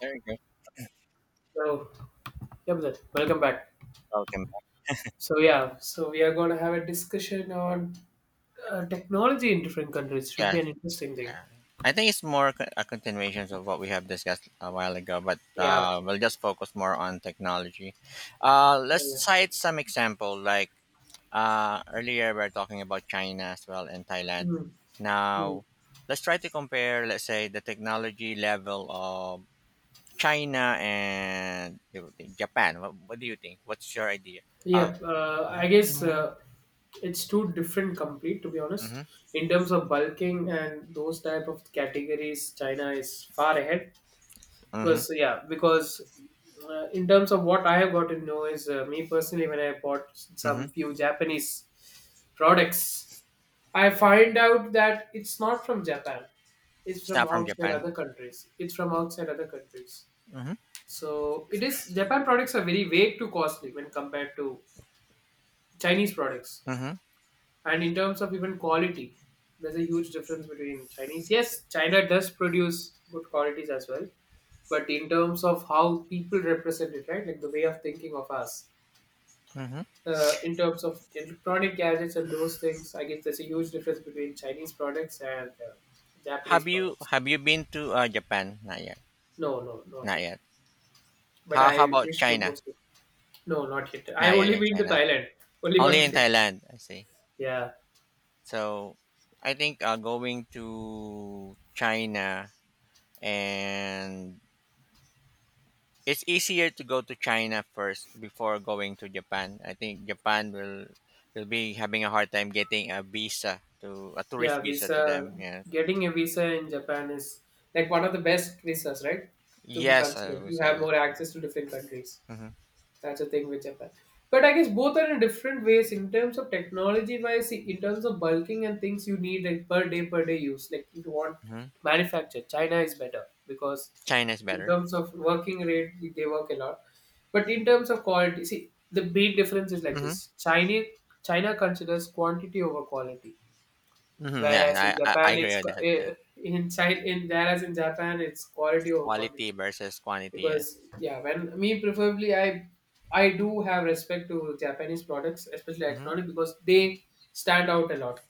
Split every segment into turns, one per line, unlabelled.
There you go.
So, yeah, Milad, welcome back.
Welcome.
So, yeah, so we are going to have a discussion on technology in different countries. Should be
Yeah.
an interesting thing.
yeah. I think it's more a continuation of what we have discussed a while ago, but
Yeah.
we'll just focus more on technology. Let's
Yeah.
cite some example. Like earlier, we are talking about China as well and Thailand.
Mm, mm.
Now, let's try to compare. Let's say the technology level of China and Japan. What do you think? What's your idea? Uh,
Yeah, I guess it's two different complete to be honest.
mm-hmm,
In terms of bulking and those type of categories, China is far ahead.
mm-hmm,
Because, yeah, because in terms of what I have got to know is, me personally when I bought
mm-hmm.
some few Japanese products I find out that it's not from Japan. It's
It's
from
not from
outside
Japan.
other countries. It's from outside other countries.
Mm-hmm,
So it is Japan products are very way too costly when compared to Chinese products.
mm-hmm,
And in terms of even quality, there's a huge difference between Chinese. Yes, China does produce good qualities as well, but in terms of how people represent it, right? Like the way of thinking of us.
mm-hmm.
In terms of electronic gadgets and those things, I guess there's a huge difference between Chinese products and Japanese
Have you
products.
have you been to Japan? Not yet.
No, no, not
Not
yet.
yet.
But
How
I
about
wish to go
China?
soon. No, not yet. I
Not yet
only
in
been to
China.
Thailand. Only
Only
one
in
place.
Thailand, I see.
Yeah,
So I think going to China and it's easier to go to China first before going to Japan. I think Japan will be having a hard time getting a visa to a tourist
yeah.
visa to
Visa
them. Yes.
getting a visa in Japan is like one of the best visas, right? To be
Yes, I
considered,
would
you
say
have
that.
more access to different countries.
hmm
That's the thing with Japan. But I guess both are in different ways in terms of technology wise. See, in terms of bulking and things you need like per day use. Like if you want
hmm.
manufacture, China is better because
China is
in
better.
terms of working rate, they work a lot. But in terms of quality, see the big difference is like
hmm
this: China, considers quantity over quality,
hmm. Yeah, I I agree with that. Yeah.
Whereas in Japan, it's quality over quantity.
Quality versus quantity yet.
Because, yeah, when me preferably, I do have respect to Japanese products, especially
Mhm.
electronic, because they stand out a lot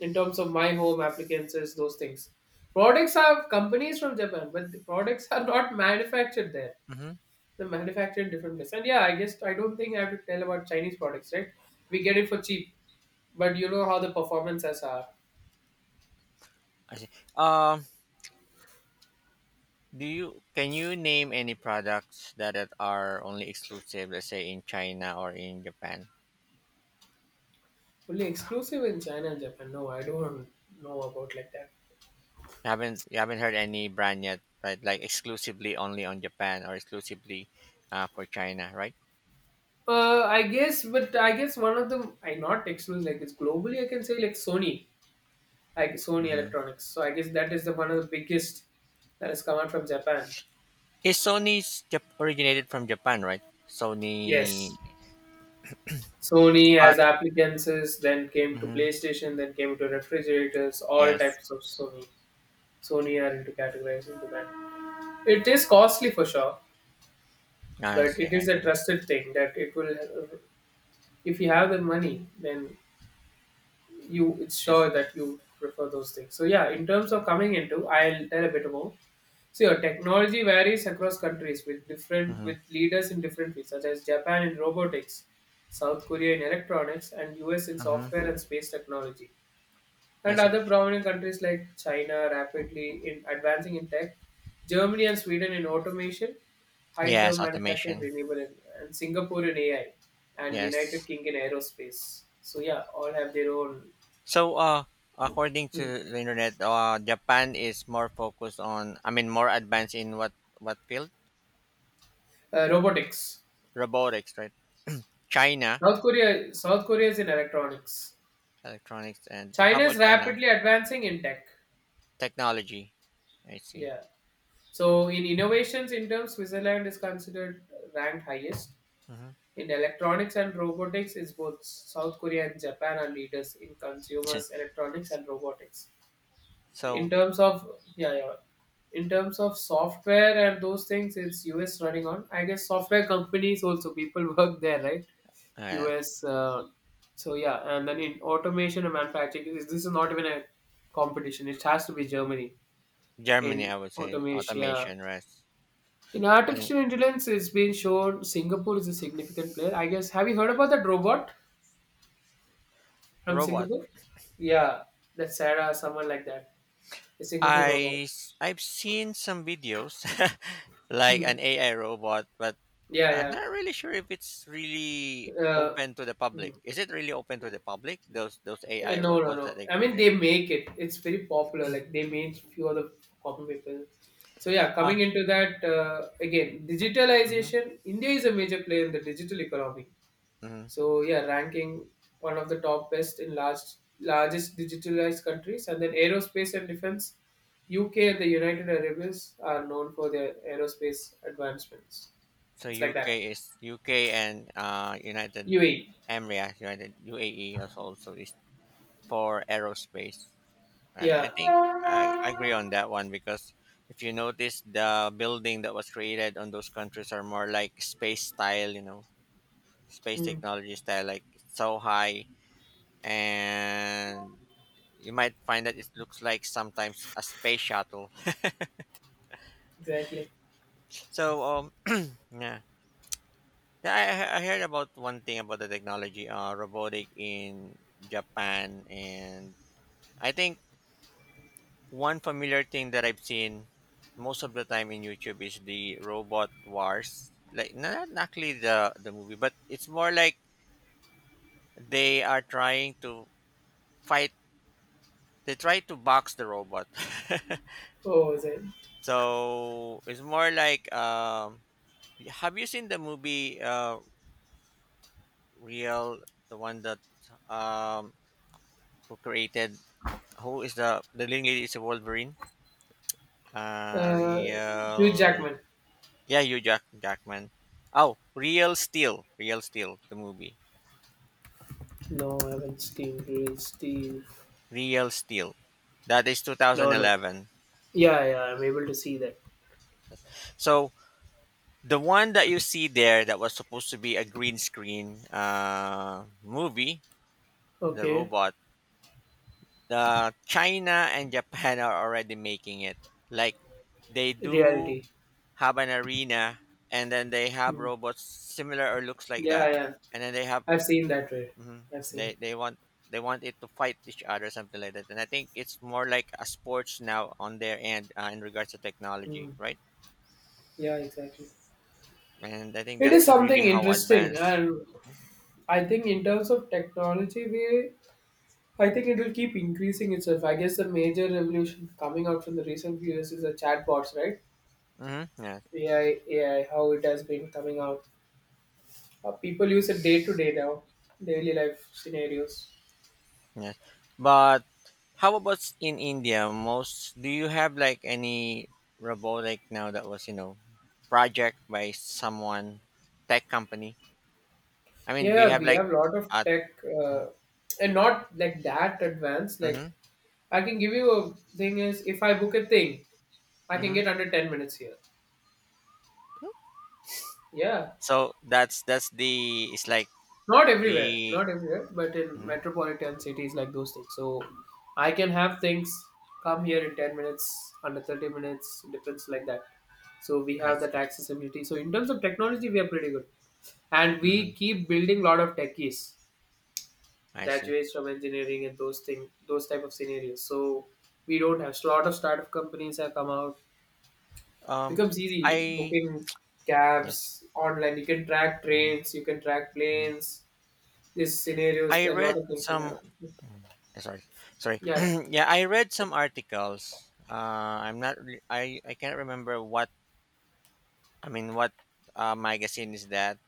in terms of my home appliances, those things. Products are companies from Japan but the products are not manufactured there.
Mhm.
They're manufactured in different place. And yeah, I guess I don't think I have to tell about Chinese products, right? We get it for cheap but you know how the performances are.
I see. Do you can you name any products that it are only exclusive, let's say in China or in Japan?
Only exclusive in China and Japan, no, I don't know about like that.
You haven't heard any brand yet, right? Like exclusively only on Japan or exclusively for China, right?
I guess, but I guess one of them, I not exclusive, like it's globally, I can say like Sony
Mm-hmm.
Electronics. So I guess that is the one of the biggest that has come out from Japan.
Is Sony's originated from Japan, right? Sony,
Yes. Sony as
but
appliances, then came to
mhm,
PlayStation, then came to refrigerators, all
yes,
types of Sony. Sony are into categorizing the brand. It is costly for sure,
I
but
see.
it
I
is a
agree.
trusted thing that it will, if you have the money, then you it's sure
Yes.
that you prefer those things. So, yeah, in terms of coming into, I'll tell a bit more. So your technology varies across countries with different
Mm-hmm.
with leaders in different fields such as Japan in robotics, South Korea in electronics, and US in
Mm-hmm.
software and space technology,
I
and
see.
other prominent countries like China rapidly in advancing in tech, Germany and Sweden in automation, high term
Yes,
manufacturing,
automation.
renewable, and Singapore in AI, and United
Yes.
Kingdom in aerospace. So, yeah, all have their own.
So, according
Hmm.
to the internet, Japan is more focused on, I mean, more advanced in what field?
Robotics.
Robotics, right? China,
South Korea. South Korea is in electronics.
electronics, and how
China is
about China?
rapidly advancing in tech.
Technology. I see.
Yeah. So in innovations in terms, Switzerland is considered ranked highest.
hmm.
In electronics and robotics, is both South Korea and Japan are leaders in consumers electronics and robotics. In
So,
terms of, yeah, yeah. In terms of software and those things, it's US running on. I guess software companies also people work there, right?
uh,
US. So, yeah, and then in automation and manufacturing, this is not even a competition. It has to be Germany
Germany,
in
I would say
automation. Yeah.
automation, right?
In
And
artificial intelligence, it's been shown Singapore is a significant player. I guess. Have you heard about that robot from
robot.
Singapore? Yeah, that Sarah, someone like that, a Singapore robot.
I've seen some videos like
Hmm.
an AI robot, but I'm
Yeah,
not really sure if it's really
yeah. Uh,
open to the
hmm.
public. Is it really open to the public? Those
Uh,
AI
no, no,
robots that
no.
they
I mean,
created.
they make it. It's very popular. Like they made few other copy people. So, yeah, coming
Ah,
into that, again,
hmm.
digitalization. India is a major player in the digital economy.
hmm.
So, yeah, ranking one of the top best in largest digitalized countries, and then aerospace and defense. UK and the United Arab Emirates are known for their aerospace advancements.
So
It's like that.
UK is UK and United
UAE.
Emirates, United UAE is also is for aerospace. I,
Yeah.
I think I agree on that one because if you notice the building that was created on those countries are more like space style, you know, space
Hmm,
technology style, like so high and you might find that it looks like sometimes a space shuttle.
exactly.
So um, yeah. Yeah, I heard about one thing about the technology, robotic in Japan, and I think one familiar thing that I've seen most of the time in YouTube is the robot wars. Like no, not actually the movie, but it's more like they are trying to fight. They try to box the robot.
Oh, was it?
So it's more like have you seen the movie Real, the one that um who created who is the leading lady is a Wolverine.
Uh, Hugh
Real,
Jackman.
yeah, you Jackman. Oh, Real Steel, Real Steel, the movie,
No, I haven't seen Real Steel.
Real Steel. That is
No, no.
2011.
Yeah, yeah, I'm able to see that.
So the one that you see there that was supposed to be a green screen movie, the
Okay.
robot. China and Japan are already making it. Like they do
Reality.
have an arena and then they have
Hmm.
robots similar or looks like that
Yeah, yeah.
and then they have
I've seen that way.
mhm,
I've seen
they want they want it to fight each other something like that and I think it's more like a sports now on their end in regards to
that.
technology,
Hmm.
right,
Yeah, exactly.
and I think
It is
that's really
something
how
interesting,
advanced
and I think in terms of technology, we I think it will keep increasing itself. I guess the major revolution coming out from the recent few years is the chatbots, right?
mm-hmm, yeah.
AI, AI, how it has been coming out. People use it day to day now, daily life scenarios.
yeah. But how about in India, most do you have like any robotic now that was you know project by someone tech company I mean do you
Yeah,
have
we
like
have a lot of
a
tech, uh, and not like that advanced. Like
Mhm,
I can give you a thing is if I book a thing, I can
mhm.
get under 10 minutes here. Yeah,
So that's the it's like
not everywhere,
the
not everywhere, but in
mhm,
metropolitan cities like those things. So I can have things come here in 10 minutes, under 30 minutes, difference like that. So we
I
have that
see.
accessibility. So in terms of technology, we are pretty good, and we
Mhm,
keep building a lot of techies,
I see.
graduates from engineering and those type of scenarios. So we don't have, so a lot of startup companies have come out,
Um,
becomes easy
I
booking
yes.
cabs online, you can track
Mhm,
trains, you can track
mhm.
planes, these scenarios
I
a lot
read
of things will
some.
happen.
mm, Sorry, sorry.
Yeah,
yeah, I read some articles. I'm not. I can't remember what I mean. What magazine is that?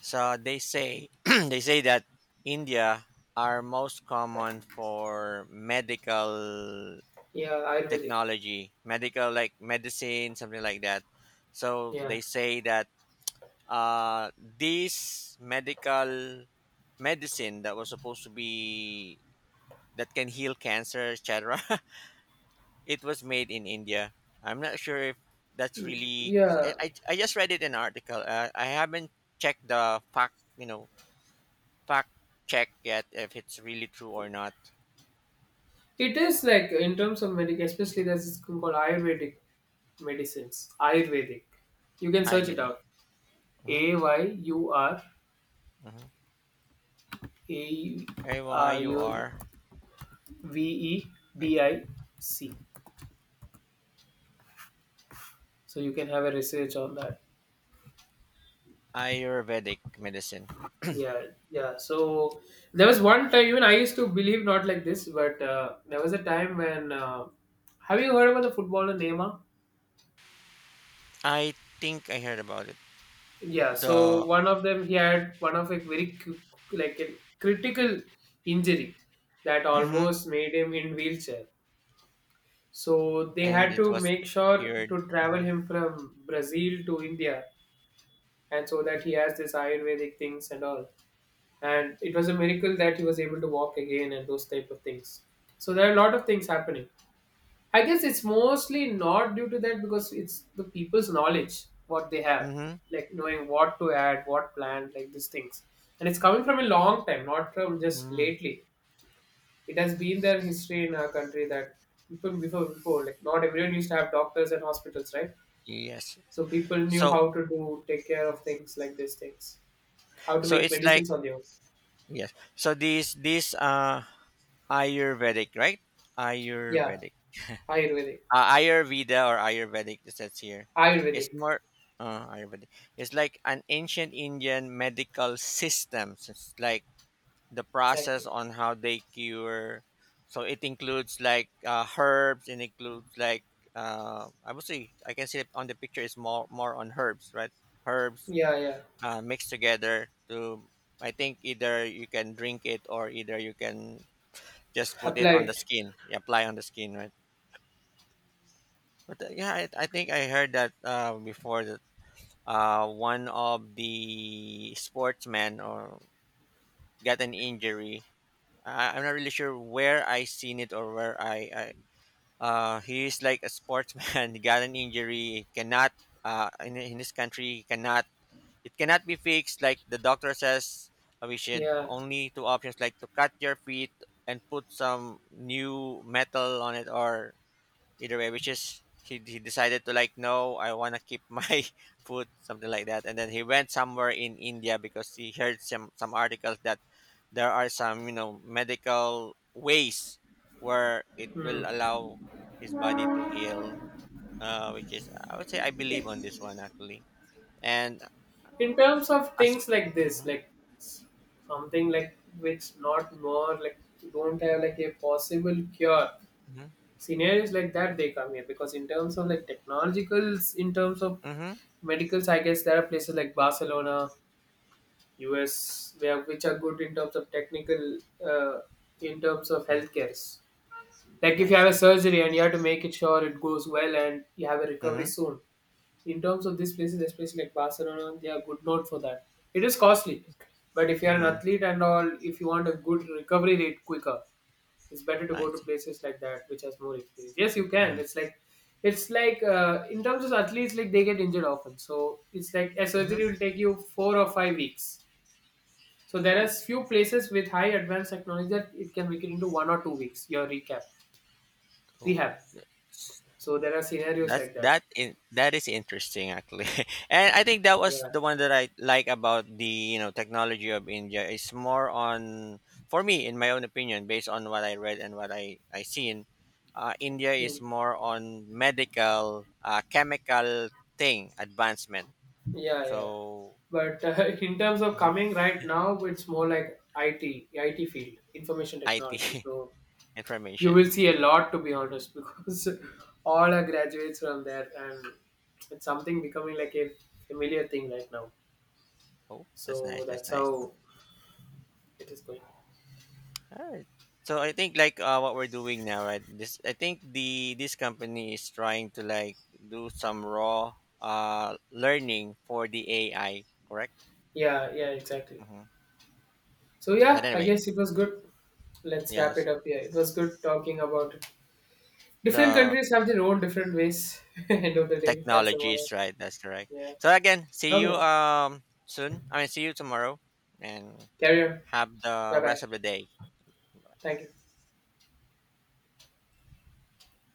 So they say they say that India are most common for medical
yeah. Ayurvedic.
technology, medical like medicine, something like that. So
Yeah.
they say that this medical medicine that was supposed to be that can heal cancer, etc. It was made in India. I'm not sure if that's
Mm.
really. 'Cause
Yeah,
I just read it in an article. I haven't checked the fact, you know, fact check yet if it's really true or not.
it is like in terms of medic, especially
Mhm.
there's this thing called ayurvedic medicines. Ayurvedic, you can
Hi,
search it
Millie.
out. A Y U R
Mm-hmm.
A U
AYUR.
V E D I C. So you can have a research on that.
Ayurvedic medicine.
Yeah, yeah. So there was one time, even I used to believe not like this, but there was a time when. Have you heard about the footballer Neymar?
I think I heard about it.
Yeah. So
The
one of them, he had one of a very like a critical injury that
hmm
almost made him in wheelchair. So they
and
had
it
to
was
make sure
cured.
to travel him from Brazil to India and so that he has this ayurvedic things and all, and it was a miracle that he was able to walk again and those type of things. So there are a lot of things happening. I guess it's mostly not due to that, because it's the people's knowledge what they have,
Mm-hmm.
like knowing what to add, what plant, like these things. And it's coming from a long time, not from just
hmm.
lately. It has been there in history in our country that people before, like not everyone used to have doctors and hospitals, right?
Yes.
So people knew how
So
to do take care of things like these things, how to
so
make
it's like
medicines on their own.
yes. So these Ayurvedic right?
Yeah,
Ayurvedic.
Ayurvedic.
Ayurveda or Ayurvedic it says here. It's
Ayurvedic,
more Ayurvedic. It's like an ancient Indian medical system. So it's like the process
exactly.
on how they cure. So it includes like herbs and includes like I would say I can see it on the picture is more more on herbs, right? Herbs
Yeah, yeah.
mixed together to I think either you can drink it or either you can just put it on the
Applied.
skin, apply on the skin, right? But yeah, I think I heard that before that one of the sportsmen or got an injury I'm not really sure where I seen it or where I he is like a sportsman. He got an injury, cannot in this country cannot it cannot be fixed. Like the doctor says, we should
Yeah.
only two options like to cut your feet and put some new metal on it or either way which is he decided to like no I want to keep my food something like that and then he went somewhere in India because he heard some articles that there are some you know medical ways where it
Hmm.
will allow his body to heal which is I would say I believe on this one actually and
In terms of
as
things like this,
mm-hmm,
like s- something like which not more like don't have like a possible cure.
mm-hmm,
Scenarios like that they come here because in terms of like technologicals, in terms of
mm-hmm,
medicals, I guess there are places like Barcelona, US, where which are good in terms of technical, uh, in terms of
mm-hmm,
healthcare. Like if
I
you have a
see
surgery and you have to make it sure it goes well and you have a recovery
mm-hmm,
soon. In terms of these places, especially like Barcelona, they are good known for that. It is costly, but if you are an
mm-hmm,
athlete and all, if you want a good recovery rate quicker, it's better to
I
go to
see
places like that which has more experience. Yes, you can.
mm-hmm,
It's like in terms of athletes, like they get injured often, so it's like a surgery will
mm-hmm.
take you 4 or 5 weeks. So there are
Oh,
few places with high advanced technology that it can make it into 1 or 2 weeks. Your recap,
cool.
rehab. So there are scenarios
That's
like that.
that in, that is interesting actually, and I think that was
Yeah.
the one that I like about the you know technology of India. It's more on for me, in my own opinion, based on what I read and what I seen. India is
Mm.
more on medical, chemical thing advancement.
Yeah, yeah.
So
But in terms of
mhm,
coming right now, it's more like IT, IT field, information technology.
IT
So you will
information.
see a lot, to be honest, because all are graduates from there, and it's something becoming like a familiar thing right now.
Oh, that's
So
nice. That's
that's
nice.
how it is going.
Alright. So I think like what we're doing now, right? This I think the this company is trying to like do some raw learning for the AI, correct?
Yeah, yeah, exactly.
hmm.
So,
But
yeah, I
anyway,
guess it was good. Let's wrap
yes,
it up here. It was good talking about. Different
the
countries have their own different ways. End of the day, that's about it.
technologies, right. That's correct.
Yeah.
So again, see you
Okay.
soon. I mean, see you tomorrow, and
Carry on.
have the
Bye bye.
rest of the day.
Thank you.